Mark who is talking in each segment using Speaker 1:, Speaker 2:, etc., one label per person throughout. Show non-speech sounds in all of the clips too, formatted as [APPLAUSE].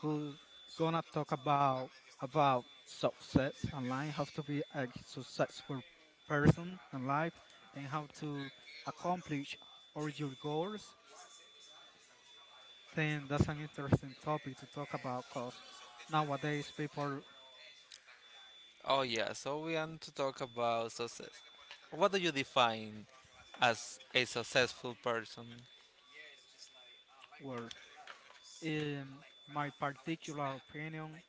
Speaker 1: who's gonna talk about success and life, how to be a successful person in life, and how to accomplish all your goals. Then that's an interesting topic to talk about, cause nowadays people
Speaker 2: Oh yeah, so we want to talk about success. What do you define as a successful person?
Speaker 1: were, in my particular opinion,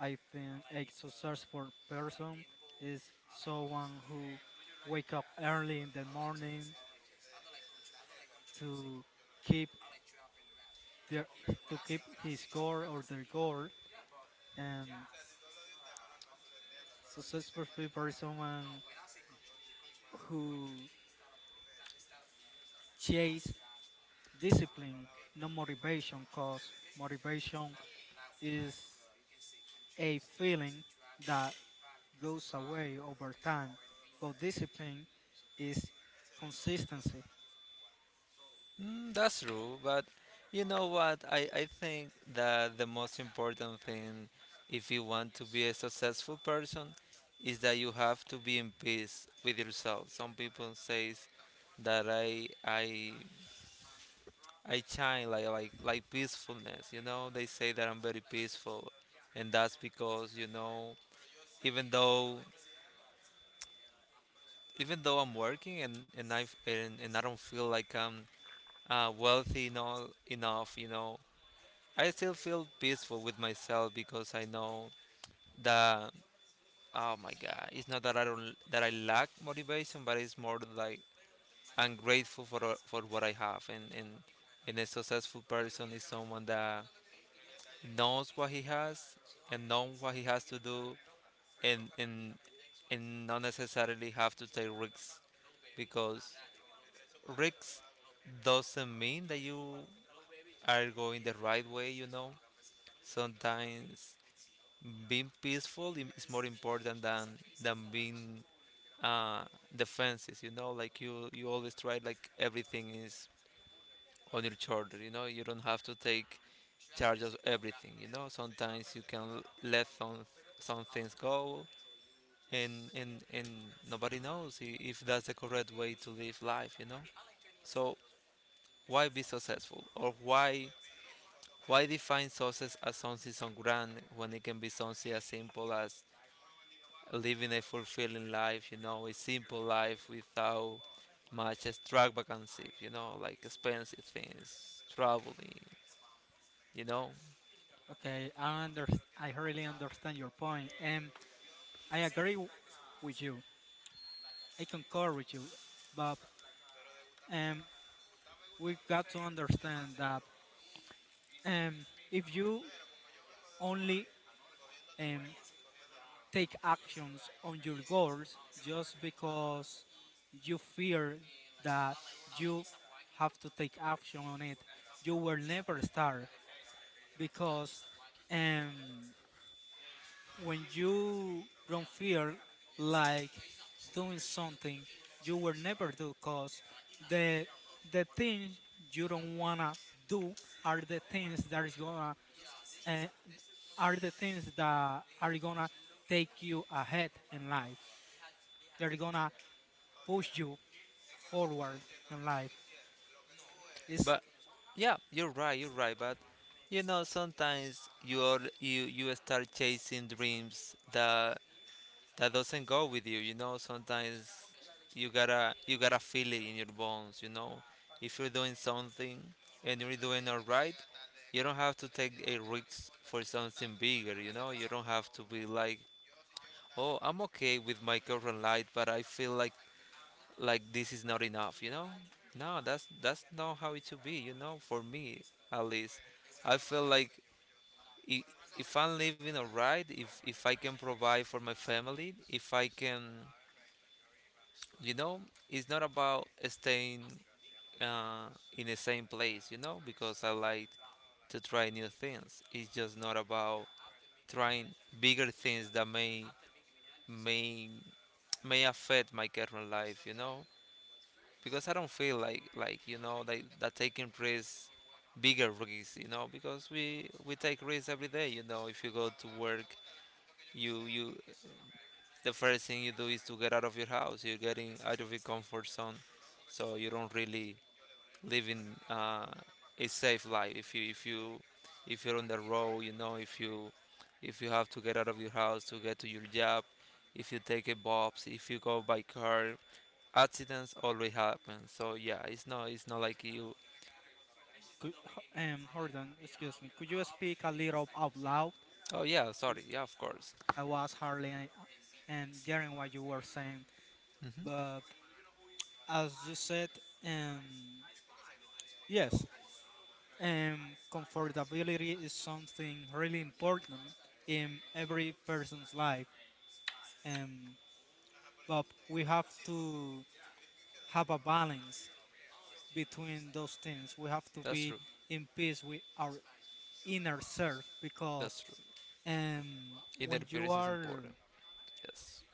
Speaker 1: I think a successful person is someone who wake up early in the morning to keep their to keep his goal or their goal. And successful people is someone who chase discipline, not motivation, cause motivation is a feeling that goes away over time, but discipline is consistency.
Speaker 2: Mm, that's true, but you know what? I think that the most important thing if you want to be a successful person is that you have to be in peace with yourself. Some people says that I shine like peacefulness, you know? They say that I'm very peaceful, and that's because, even though even though I'm working, and I don't feel like I'm enough, I still feel peaceful with myself because I know that, oh my God, it's not that I don't that I lack motivation, but it's more like I'm grateful for what I have, and a successful person is someone that knows what he has and knows what he has to do, and not necessarily have to take risks, because risks doesn't mean that you are going the right way, you know. Sometimes being is more important than being uh defensive, you know, like you always try like everything is on your shoulder, you know. You don't have to take charge of everything, you know. Sometimes you can let some things go, and nobody knows if that's the correct way to live life, you know. So why be successful or why define success as something so grand when it can be something as simple as living a fulfilling life, you know, a simple life without much extravagancy, you know, like expensive things, traveling, you know?
Speaker 1: Okay, I really understand your point, and I agree with you. I concur with you, but um, we've got to understand that if you only um, take actions on your goals just because you fear that you have to take action on it, you will never start because. Um, when you don't feel like doing something, you will never do, cause the the things you don't wanna do are the things that is gonna uh, are the things that are gonna take you ahead in life, they're gonna push you forward in life is
Speaker 2: But yeah, you're right, but you know, sometimes you start chasing dreams that doesn't go with you. You know, sometimes you gotta feel it in your bones. You know, if you're doing something and you're doing all right, you don't have to take a risk for something bigger. You know, you don't have to be like, oh, I'm okay with my current life, but I feel like this is not enough. You know, no, that's not how it should be. You know, for me at least, I feel like. i- If I'm living alright, if I can provide for my family, if I can, you know, it's not about staying uh, in the same place, you know, because I like to try new things. It's just not about trying bigger things that may may affect my current life, you know, because I don't feel like that taking risks, bigger risks, you know, because we take risks every day, you know. If you go to work, you the first thing you do is to get out of your house. You're getting out of your comfort zone, so you don't really living a safe life. If you if you're on the road, you know, if you have to get out of your house to get to your job, if you take a bus, if you go by car, accidents always happen. So yeah, it's not like you.
Speaker 1: could- hold Excuse me, could you speak a little out loud?
Speaker 2: Oh yeah, sorry. Yeah, of course.
Speaker 1: I was hardly hearing what you were saying, but as you said, um, yes. Comfortability is something really important in every person's life, um, but we have to have a balance between those things. We have to
Speaker 2: That's
Speaker 1: be
Speaker 2: true.
Speaker 1: in peace with our inner self, because
Speaker 2: That's true. Inner
Speaker 1: when you
Speaker 2: peace is
Speaker 1: are,
Speaker 2: important. Yes.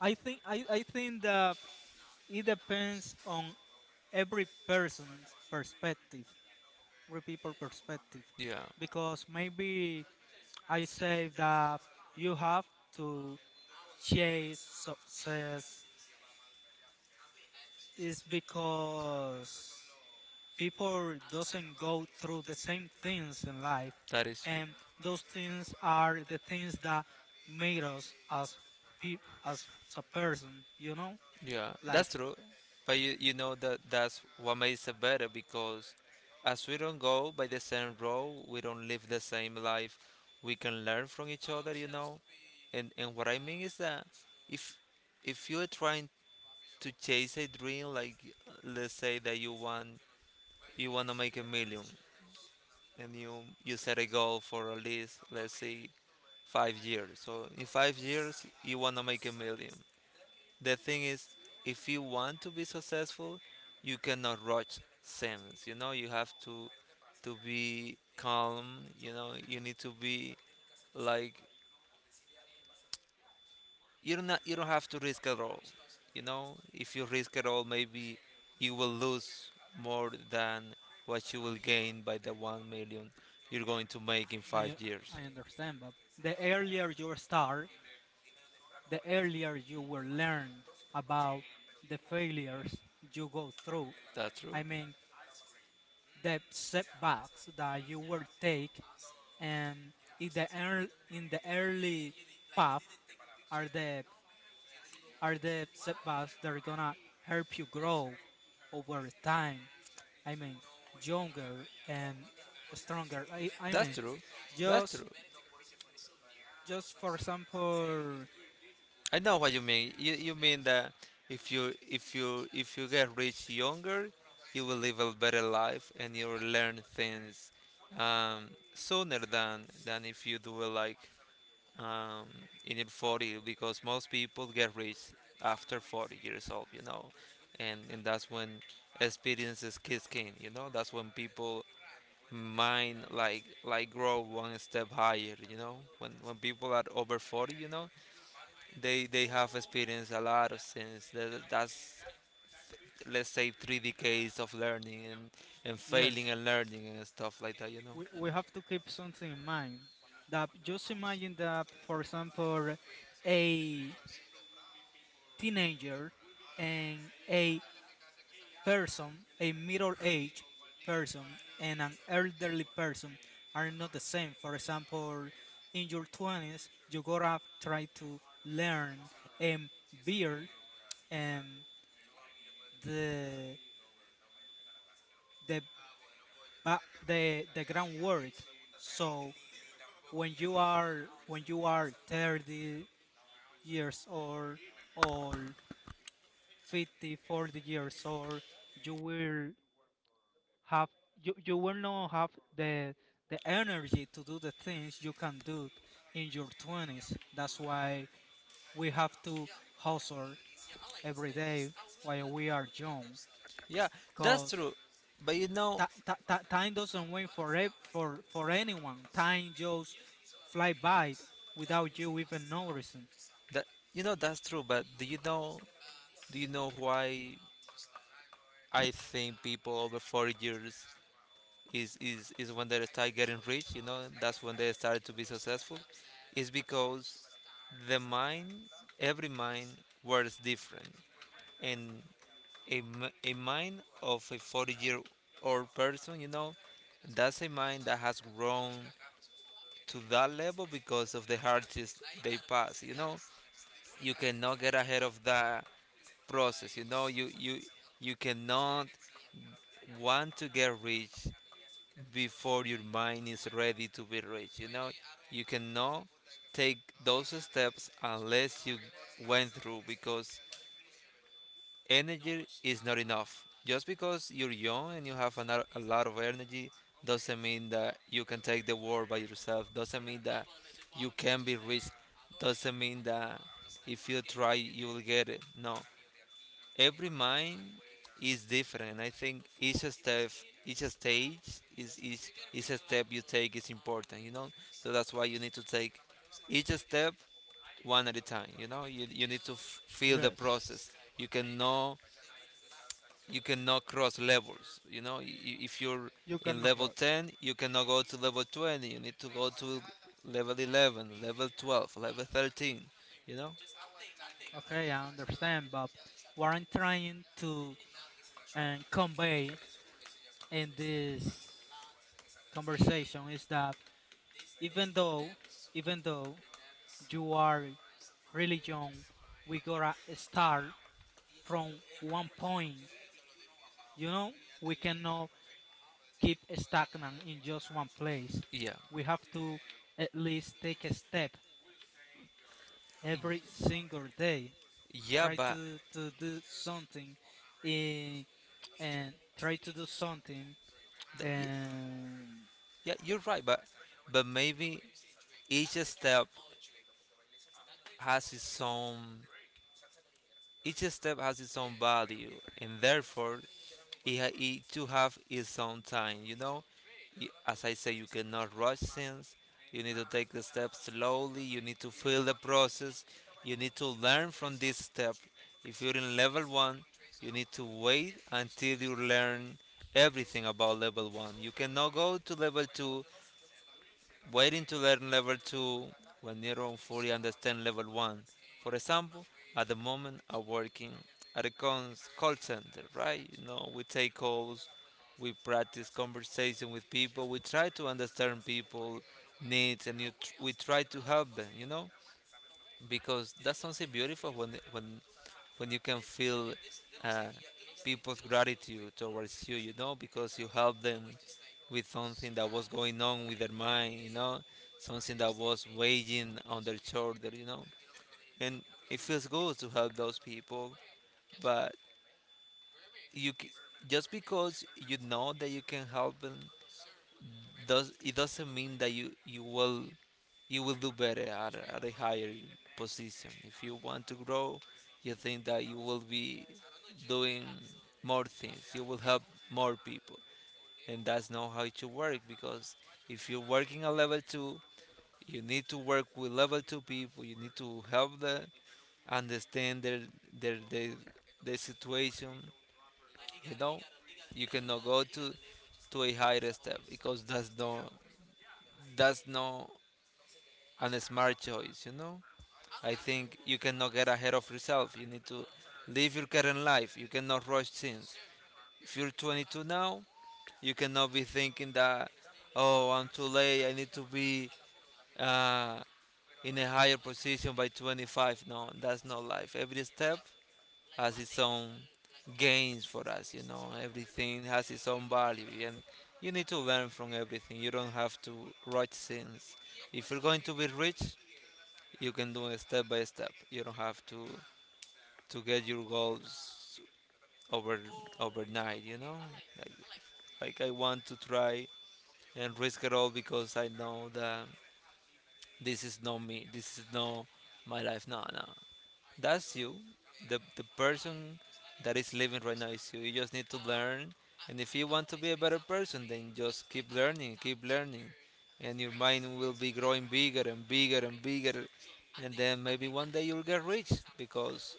Speaker 1: I think that it depends on every person's perspective.
Speaker 2: Yeah.
Speaker 1: Because maybe I say that you have to chase success is because people doesn't go through the same things in life,
Speaker 2: That is true.
Speaker 1: and those things are the things that made us as peop as a person.
Speaker 2: Yeah, like that's
Speaker 1: Like
Speaker 2: true. But you know that that's what makes it better because as we don't go by the same road, we don't live the same life, we can learn from each other, you know. And what I mean is that if you're trying to chase a dream, like let's say that you want to make a million, and you set a goal for at least, let's say, 5 years. So in 5 years you want to make a million. The thing is, if you want to be successful, you cannot rush things. You know, you have to be calm. You know, you need to be like, you don't have to risk at all. You know, if you risk at all, maybe you will lose more than what you will gain by the 1 million you're going to make in 5
Speaker 1: I
Speaker 2: years.
Speaker 1: I understand, but the earlier you start, the earlier you will learn about the failures you go through.
Speaker 2: That's true.
Speaker 1: I mean, the setbacks that you will take, and in the early path are the are the setbacks that are gonna help you grow over time. I mean, younger and stronger. I mean,
Speaker 2: That's mean, true. That's just
Speaker 1: just
Speaker 2: true.
Speaker 1: just for example,
Speaker 2: I know what you mean. You mean that if you if you if you get rich younger, you will live a better life and you'll learn things um, sooner than if you do it like um, in your 40, because most people get rich after 40 years old, you know. And that's when experiences kick in, you know. That's when people mind like grow one step higher, you know. When people are over 40, you know, they have experienced a lot of things. That's, let's say, 3 decades of learning and
Speaker 1: yes,
Speaker 2: failing and learning and stuff like that, you know.
Speaker 1: we have to keep something in mind, that just imagine that for example a teenager and a middle-aged person and an elderly person are not the same. For example, in your 20s you gotta try to learn and build um, the the ba- the groundwork, so when you are 30 years old or 50 years old you will have you, you will not have the the energy to do the things you can do in your 20s. That's why we have to hustle every day while we are young,
Speaker 2: Yeah, that's
Speaker 1: because
Speaker 2: true, but you know.
Speaker 1: time doesn't wait for, ev- for anyone. Time just fly by without you even noticing.
Speaker 2: That, you know, that's true, but do you know, do you know why I think people over 40 years is when they start getting rich, you know, that's when they start to be successful? Is because the mind, every mind, works different. And a mind of a 40-year-old person, you know, that's a mind that has grown to that level because of the hardships they pass. You know, you cannot get ahead of that process. You know, you cannot want to get rich before your mind is ready to be rich. You know, you cannot take those steps unless you went through, because energy is not enough. Just because you're young and you have a lot of energy doesn't mean that you can take the world by yourself. Doesn't mean that you can be rich. Doesn't mean that if you try you will get it. No, every mind is different. And I think each stage is each step you take is important. You know, so that's why you need to take each step one at a time. You know, you need to feel the
Speaker 1: Yes,
Speaker 2: process. You can know you cannot cross levels. You know, if you're
Speaker 1: you
Speaker 2: in
Speaker 1: cannot
Speaker 2: level
Speaker 1: rush.
Speaker 2: 10, you cannot go to level 20. You need to go to level 11, level 12, level 13. You know?
Speaker 1: Okay, I understand, but what I'm trying to convey in this conversation is that even though, even though you are really young, we gotta start from one point. You know, we cannot keep stagnant in just one place.
Speaker 2: Yeah.
Speaker 1: We have to at least take a step every single day.
Speaker 2: Yeah,
Speaker 1: Try
Speaker 2: but
Speaker 1: to do something in, and try to do something.
Speaker 2: th- y-
Speaker 1: And
Speaker 2: yeah, you're right, but maybe each step has its own each step has its own value, and therefore, it to have its own time. You know, as I say, you cannot rush things. You need to take the steps slowly. You need to feel the process. You need to learn from this step. If you're in level one, you need to wait until you learn everything about level one. You cannot go to level two waiting to learn level 2 when you don't fully understand level 1. For example, at the moment I'm working at a call center, right? You know, we take calls, we practice conversation with people, we try to understand people needs, and we try to help them, you know? Because that's something beautiful when you can feel uh, people's gratitude towards you, you know, because you help them with something that was going on with their mind, you know, something that was weighing on their shoulder, you know. And it feels good to help those people, but you c- just because you know that you can help them does it doesn't mean that you will do better at a higher position. If you want to grow, you think that you will be doing more things. You will help more people, and that's not how it should work. Because if you're working at level two, you need to work with level two people. You need to help them understand their their, their situation. You know, you cannot go to a higher step because that's not a smart choice, you know? I think you cannot get ahead of yourself. You need to live your current life. You cannot rush things. If you're 22 now, you cannot be thinking that, oh, I'm too late. I need to be uh, in a higher position by 25. No, that's not life. Every step has its own gains for us, you know? Everything has its own value. And you need to learn from everything. You don't have to rush things. If you're going to be rich, you can do it step by step. You don't have to get your goals over overnight. You know, like, I want to try and risk it all because I know that this is not me. This is not my life. No, no. That's you. The person that is living right now is you. You just need to learn. And if you want to be a better person, then just keep learning, keep learning. And your mind will be growing bigger and bigger and bigger. And then maybe one day you'll get rich because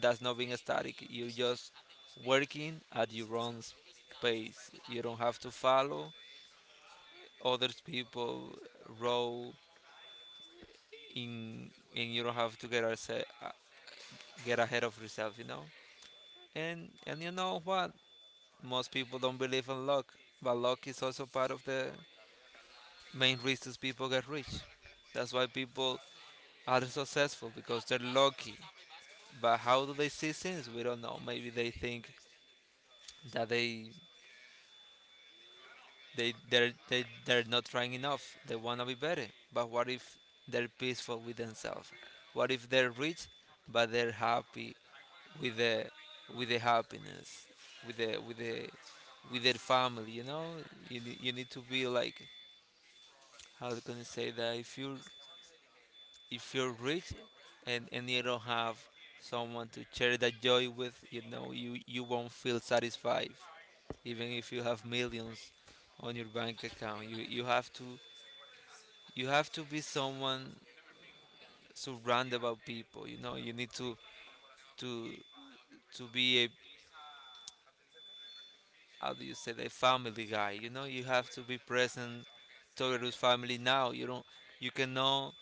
Speaker 2: that's not being static. You're just working at your own pace. You don't have to follow other people row in, and you don't have to uh, get ahead of yourself, you know? And you know what? Most people don't believe in luck, but luck is also part of the main reasons people get rich. That's why people are successful, because they're lucky. But how do they see things? We don't know. Maybe they think that they're not trying enough. They wanna be better. But what if they're peaceful with themselves? What if they're rich but they're happy with the with the happiness, with the with the with their family. You know, you need to be like, how can I say that, if you if you're rich and you don't have someone to share that joy with, you know, you won't feel satisfied even if you have millions on your bank account. You have to, you have to be someone surrounded by people. You know, you need to to be a, how do you say, the family guy, you know. You have to be present towards family. Now you don't, you cannot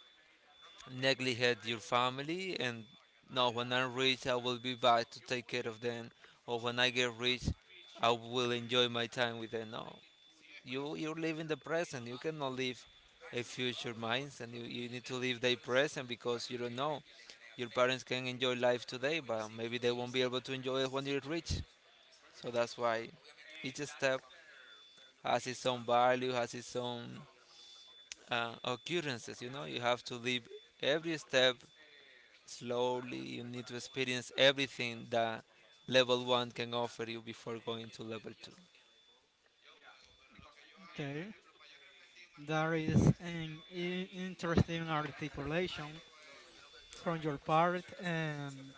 Speaker 2: neglect your family and, no, when I'm rich I will be back to take care of them, or when I get rich I will enjoy my time with them. No, you're living the present. You cannot live a future minds, and you need to live the present, because you don't know, your parents can enjoy life today but maybe they won't be able to enjoy it when you're rich. So that's why each step has its own value, has its own occurrences. You know, you have to live every step slowly. You need to experience everything that level one can offer you before going to level two.
Speaker 1: Okay, that is an interesting articulation from your part. And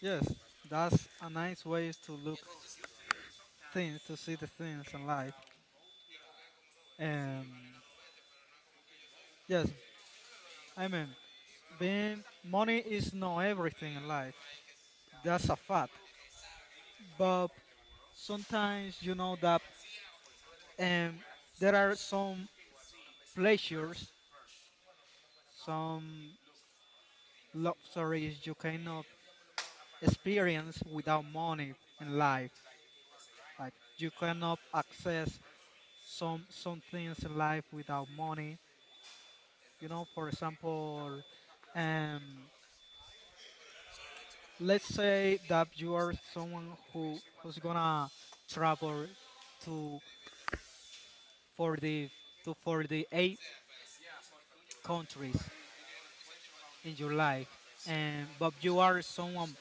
Speaker 1: yes, that's a nice way to to see the things in life. And yes, I mean, being money is not everything in life. That's a fact. But sometimes you know that um, there are some pleasures, some luxuries you cannot experience without money in life. Like, you cannot access some things in life without money. You know, for example, um, let's say that you are someone who's gonna travel to for the to for the eight countries in your life, and but you are someone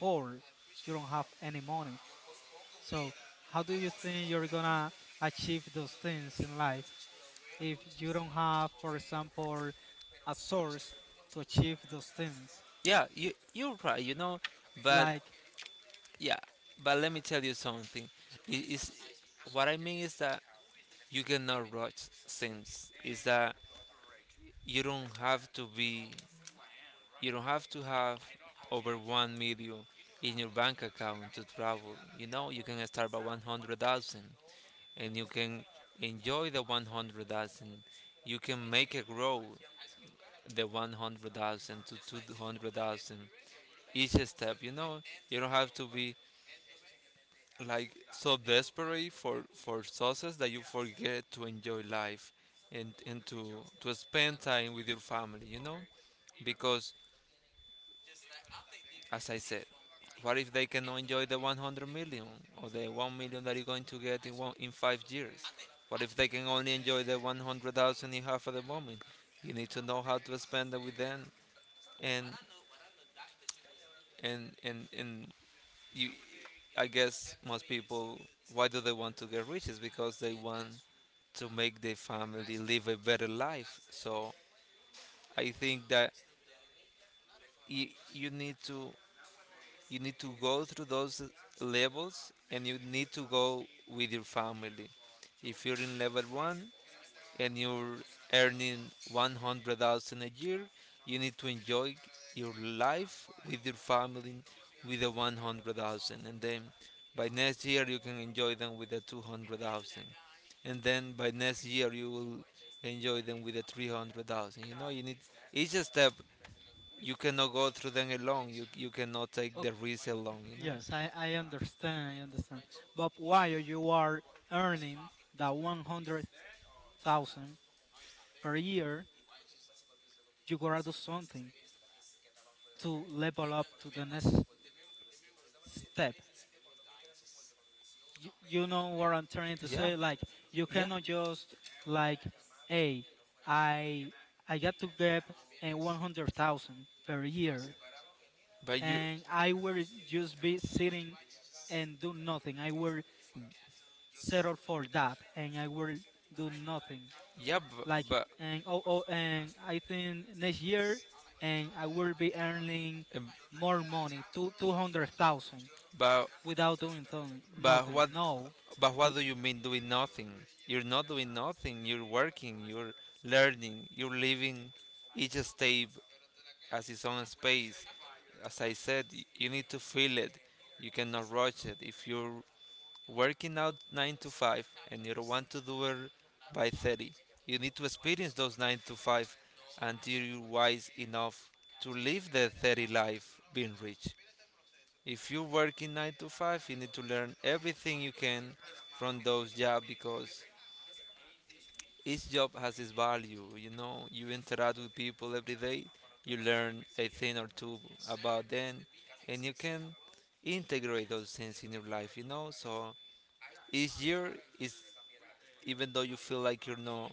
Speaker 1: poor. You don't have any money. So how do you think you're gonna achieve those things in life, if you don't have, for example, a source to achieve those things?
Speaker 2: Yeah, you're right. You know, but
Speaker 1: Like,
Speaker 2: yeah, but let me tell you something. It is, what I mean is that you cannot rush things. Is that you don't have to be, you don't have to have over 1 million in your bank account to travel. You know, you can start by 100,000 and you can enjoy the 100,000. You can make it grow, the 100,000 to 200,000 each step. You know, you don't have to be like so desperate for success that you forget to enjoy life and and to spend time with your family, you know? Because, as I said, what if they cannot enjoy the 100 million or the 1 million that you're going to get in, one, in 5 years? What if they can only enjoy the 100,000 you have at the moment? You need to know how to spend it with them, and and and and you, I guess most people, why do they want to get rich? Is because they want to make their family live a better life. So I think that you need to, you need to go through those levels and you need to go with your family. If you're in level 1 and you're earning 100,000 a year, you need to enjoy your life with your family with the 100,000, and then by next year you can enjoy them with the 200,000, and then by next year you will enjoy them with the 300,000. You know, you need each step. You cannot go through them alone. You cannot take
Speaker 1: ok
Speaker 2: the risk alone. You know.
Speaker 1: yes, I understand. But while you are earning that 100,000 per year, you gotta do something to level up to the next step. You know what I'm trying to
Speaker 2: Yeah.
Speaker 1: say? Like, you
Speaker 2: Yeah.
Speaker 1: cannot just, like, hey, I I got to get a 100,000 per year
Speaker 2: But you.
Speaker 1: and I will just be sitting and do nothing. I will settle for that, and I will do nothing.
Speaker 2: Yeah.
Speaker 1: Like
Speaker 2: But
Speaker 1: But and oh oh, and I think next year, and I will be earning
Speaker 2: Um,
Speaker 1: more money, two two hundred thousand,
Speaker 2: But
Speaker 1: without doing
Speaker 2: but
Speaker 1: nothing.
Speaker 2: what
Speaker 1: No.
Speaker 2: but
Speaker 1: L-
Speaker 2: what do you mean doing nothing? You're not doing nothing. You're working. You're learning. You're living. Each step has its own space. As I said, you need to feel it. You cannot rush it. If you're working out 9 to 5 and you don't want to do it by 30, you need to experience those 9 to 5 until you're wise enough to live the 30 life being rich. If you're working 9 to 5, you need to learn everything you can from those jobs, because each job has its value, you know. You interact with people every day, you learn a thing or two about them, and you can integrate those things in your life, you know. So each year is, even though you feel like you're not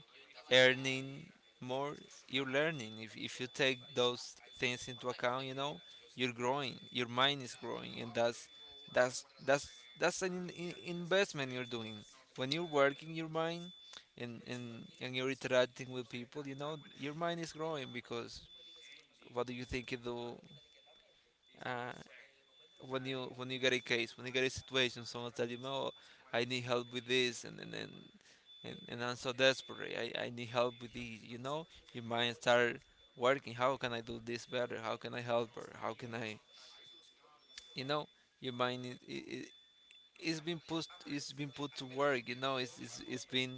Speaker 2: earning more, you're learning. If you take those things into account, you know, you're growing. Your mind is growing, and that's that's that's an investment you're doing. When you're working your mind, and you're interacting with people, you know, your mind is growing, because what do you think you do? Uh, when you get a case, when you get a situation, someone tell you, "No, I need help with this," and I'm so desperate. I need help with this. You know, your mind start working. How can I do this better? How can I help her? How can I, you know, your mind it's been put, it's been put to work. You know, it's been,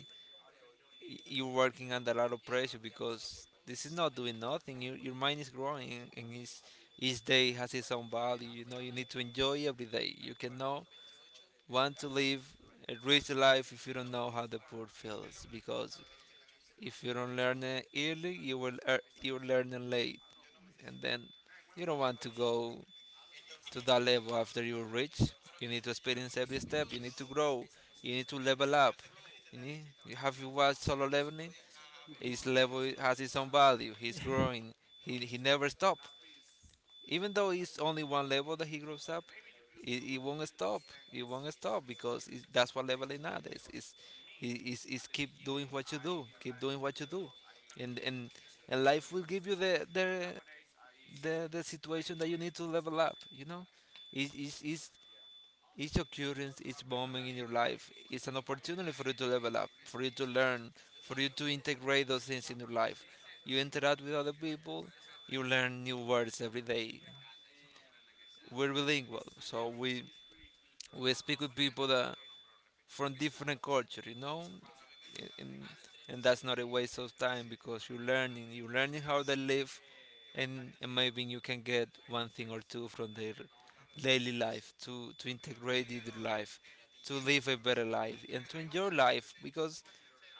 Speaker 2: you're working under a lot of pressure, because this is not doing nothing. Your mind is growing, and it's, each day has its own value. You know, you need to enjoy every day. You cannot want to live a rich life if you don't know how the poor feels. Because if you don't learn it early, you will learn it late, and then you don't want to go to that level after you're rich. You need to experience every step, you need to grow, you need to level up. You need, you have, you watched Solo Leveling? His level has its own value, he's
Speaker 1: [LAUGHS]
Speaker 2: growing. He never stops. Even though it's only one level that he grows up, it won't stop. It won't stop, because it's, that's what level it not is nowadays. It's keep doing what you do, keep doing what you do, and and, and life will give you the the situation that you need to level up. You know, each each occurrence, each moment in your life is an opportunity for you to level up, for you to learn, for you to integrate those things in your life. You interact with other people, you learn new words every day. We're bilingual, so we speak with people that from different culture, you know, and, and that's not a waste of time, because you're learning how they live, and maybe you can get one thing or two from their daily life to integrate in their life, to live a better life and to enjoy life. Because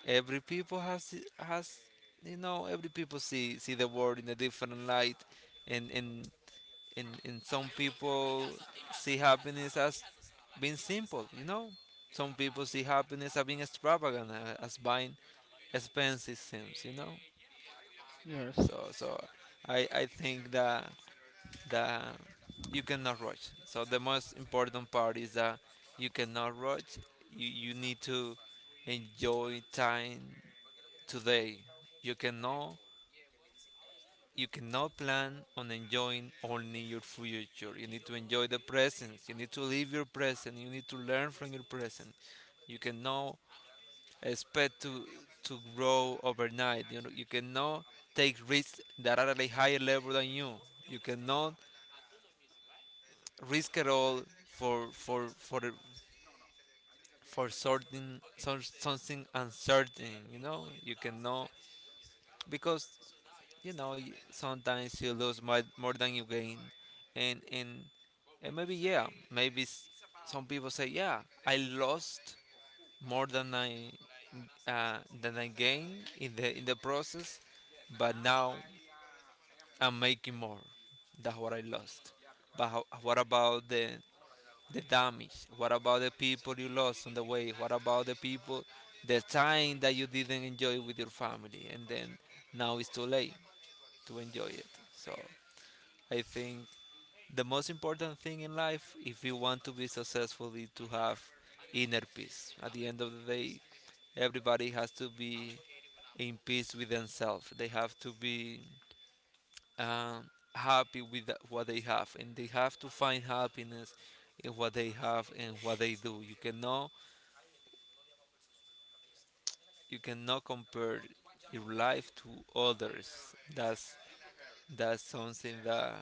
Speaker 2: every people has, you know, every people see, see the world in a different light. And in, some people see happiness as being simple, you know. Some people see happiness as being extravagant, as buying expensive things, you know.
Speaker 1: yes.
Speaker 2: So I think that, that you cannot rush. So the most important part is that you cannot rush. You need to enjoy time today. You cannot, you cannot plan on enjoying only your future. You need to enjoy the present. You need to live your present. You need to learn from your present. You cannot expect to grow overnight. You know, you cannot take risks that are at a higher level than you. You cannot risk at all for for certain, some, something uncertain. You know, you cannot, because you know you, sometimes you lose more, more than you gain, and and and maybe, yeah, maybe some people say, yeah, I lost more than I than I gained in the, in the process, but now I'm making more, that's what I lost. But how, what about the damage, what about the people you lost on the way, what about the people, the time that you didn't enjoy with your family, and then now it's too late to enjoy it. So I think the most important thing in life, if you want to be successful, is to have inner peace. At the end of the day, everybody has to be in peace with themselves. They have to be happy with what they have, and they have to find happiness in what they have and what they do. You cannot compare your life to others. That's something that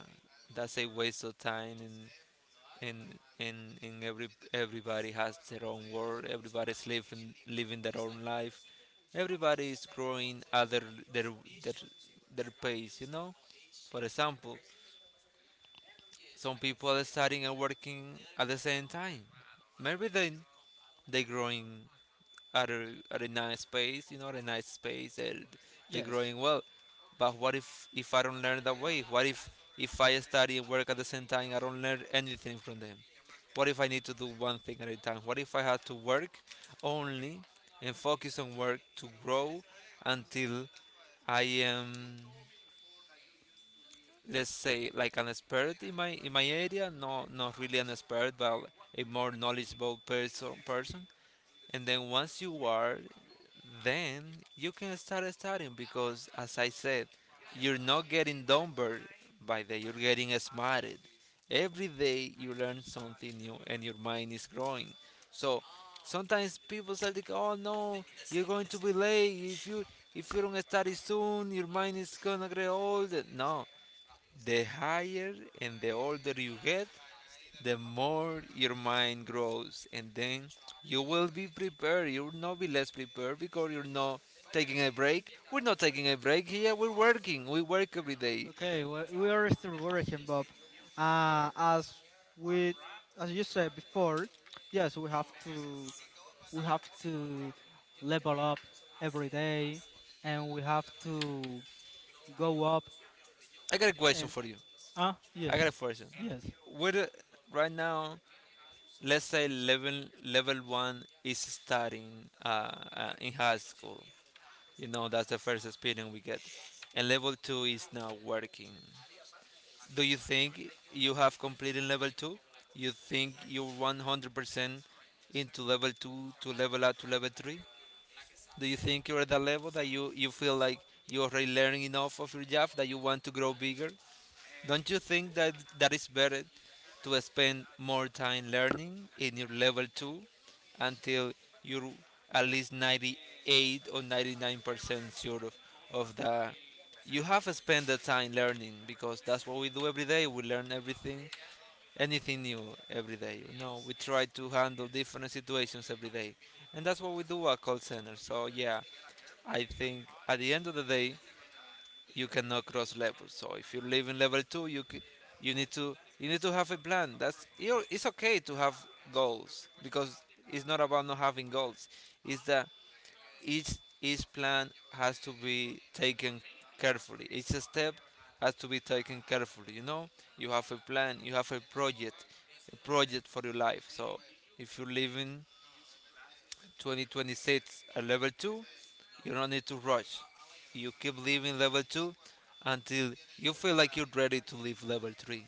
Speaker 2: that's a waste of time and in in in every everybody has their own world. Everybody's living their own life. Everybody is growing at their their, their pace, you know. For example, some people are studying and working at the same time. Maybe they growing at a nice pace, you know, at a nice pace, and they're
Speaker 1: Yes.
Speaker 2: growing well. But what if I don't learn that way? What if I study and work at the same time, I don't learn anything from them? What if I need to do one thing at a time? What if I have to work only and focus on work to grow until I am, let's say, like an expert in my area? No, not really an expert, but a more knowledgeable person. Person. And then once you are, then you can start studying because, as I said, you're not getting dumber by the you're getting smarter. Every day you learn something new and your mind is growing. So sometimes people say like, "Oh no, you're going to be late if you don't study soon, your mind is gonna get older." No, the higher and the older you get, the more your mind grows, and then you will be prepared. You'll not be less prepared because you're not taking a break. We're not taking a break here. We're working. We work every day.
Speaker 1: Okay. Well, we are still working, Bob. Uh, as we, as you said before, yes, we have to. We have to level up every day, and we have to go up
Speaker 2: I got a question
Speaker 1: and
Speaker 2: for you.
Speaker 1: ah
Speaker 2: I
Speaker 1: Yes,
Speaker 2: got a question.
Speaker 1: yes.
Speaker 2: What right now? Let's say level one is starting uh, in high school. You know, that's the first experience we get, and level two is now working. Do you think you have completed level 2? You think you're 100% into level 2 to level up to level 3? Do you think you're at that level that you feel like you're already learning enough of your job that you want to grow bigger? Don't you think that is better to spend more time learning in your level 2 until you're at least 98 or 99% sure of the you have spent the time learning? Because that's what we do every day. We learn everything anything new every day, you know. We try to handle different situations every day, and that's what we do at call center. So yeah, I think at the end of the day you cannot cross levels. So if you live in level two, you need to have a plan. It's okay to have goals because it's not about not having goals. It's that each each plan has to be taken carefully. Each step has to be taken carefully. You know, you have a plan, you have a project for your life. So if you're living 2026 at level 2, you don't need to rush. You keep leaving level 2 until you feel like you're ready to leave level 3.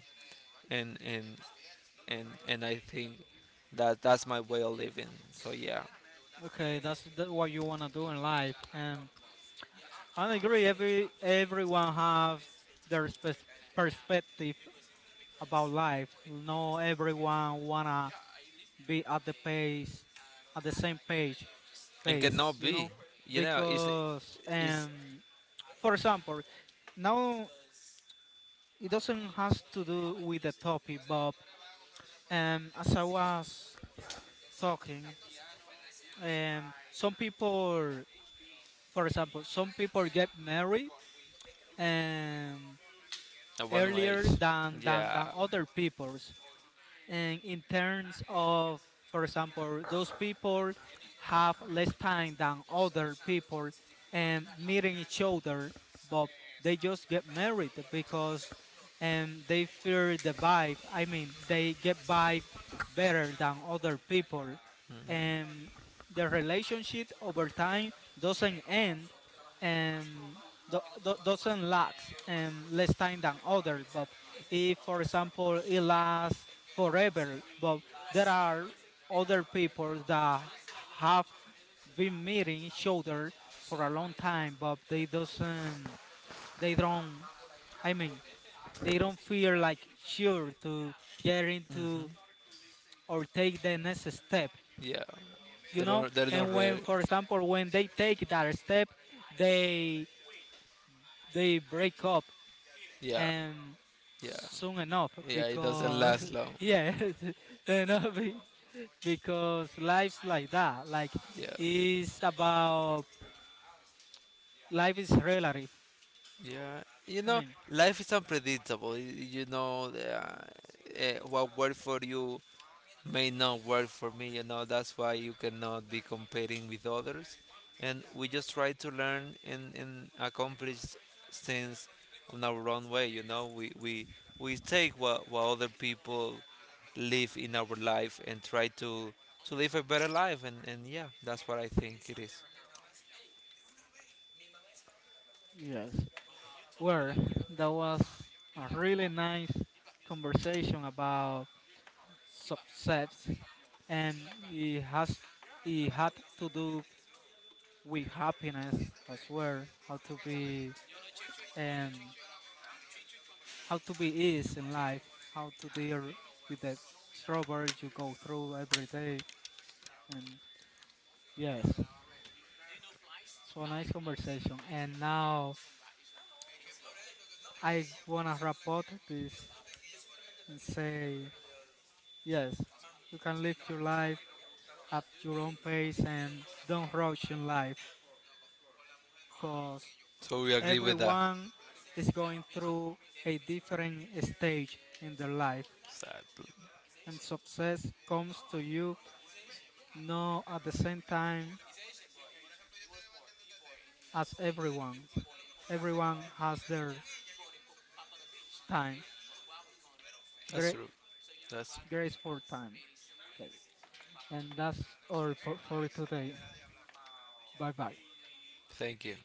Speaker 2: And and and I think that's my way of living. So yeah.
Speaker 1: Okay, that's that what you want to do in life. And I agree, everyone has their perspective about life. No, everyone wanna be at the same page
Speaker 2: And
Speaker 1: pace
Speaker 2: cannot
Speaker 1: you know
Speaker 2: be. You know,
Speaker 1: Because
Speaker 2: it's
Speaker 1: for example, now it doesn't has to do with the topic, but as I was talking, um, some people, some people get married um,
Speaker 2: a one way.
Speaker 1: earlier than, than,
Speaker 2: Yeah.
Speaker 1: than other people. And in terms of, for example, those people have less time than other people and meeting each other, but they just get married, because and they feel the vibe. I mean, they get vibe better than other people. And the relationship over time doesn't end, and doesn't last less time than other, but if for example it lasts forever. But there are other people that have been meeting each other for a long time, but they doesn't, they don't, I mean, they don't feel like sure to get into or take the next step,
Speaker 2: Yeah.
Speaker 1: you
Speaker 2: They
Speaker 1: know.
Speaker 2: don't, they're
Speaker 1: And
Speaker 2: not
Speaker 1: when,
Speaker 2: ready.
Speaker 1: for example, when they take that step, they they break up
Speaker 2: Yeah.
Speaker 1: and
Speaker 2: Yeah.
Speaker 1: soon enough
Speaker 2: Yeah, it doesn't
Speaker 1: because
Speaker 2: last long.
Speaker 1: [LAUGHS] Yeah. [LAUGHS] you know, be- because life's like that. Like,
Speaker 2: Yeah.
Speaker 1: it's about life is relative.
Speaker 2: Yeah, you
Speaker 1: I
Speaker 2: know,
Speaker 1: mean,
Speaker 2: life is unpredictable. You know, what worked for you may not work for me. You know, that's why you cannot be comparing with others. And we just try to learn and accomplish things on our own way. You know, we take what other people live in our life and try to live a better life. And yeah, that's what I think it is.
Speaker 1: yes. Where that was a really nice conversation about success, and it had to do with happiness as well. Um how to be is in life. How to deal with the trouble you go through every day. And yes, so a nice conversation. And now I wanna wrap up this and say yes, you can live your life at your own pace and don't rush in life, because
Speaker 2: So we agree with that.
Speaker 1: everyone is going through a different stage in their life,
Speaker 2: Exactly.
Speaker 1: and success comes to you not at the same time as everyone's. Everyone has their time,
Speaker 2: That's
Speaker 1: great
Speaker 2: true. That's
Speaker 1: graceful time. Okay. And that's all for today. Bye bye.
Speaker 2: thank you.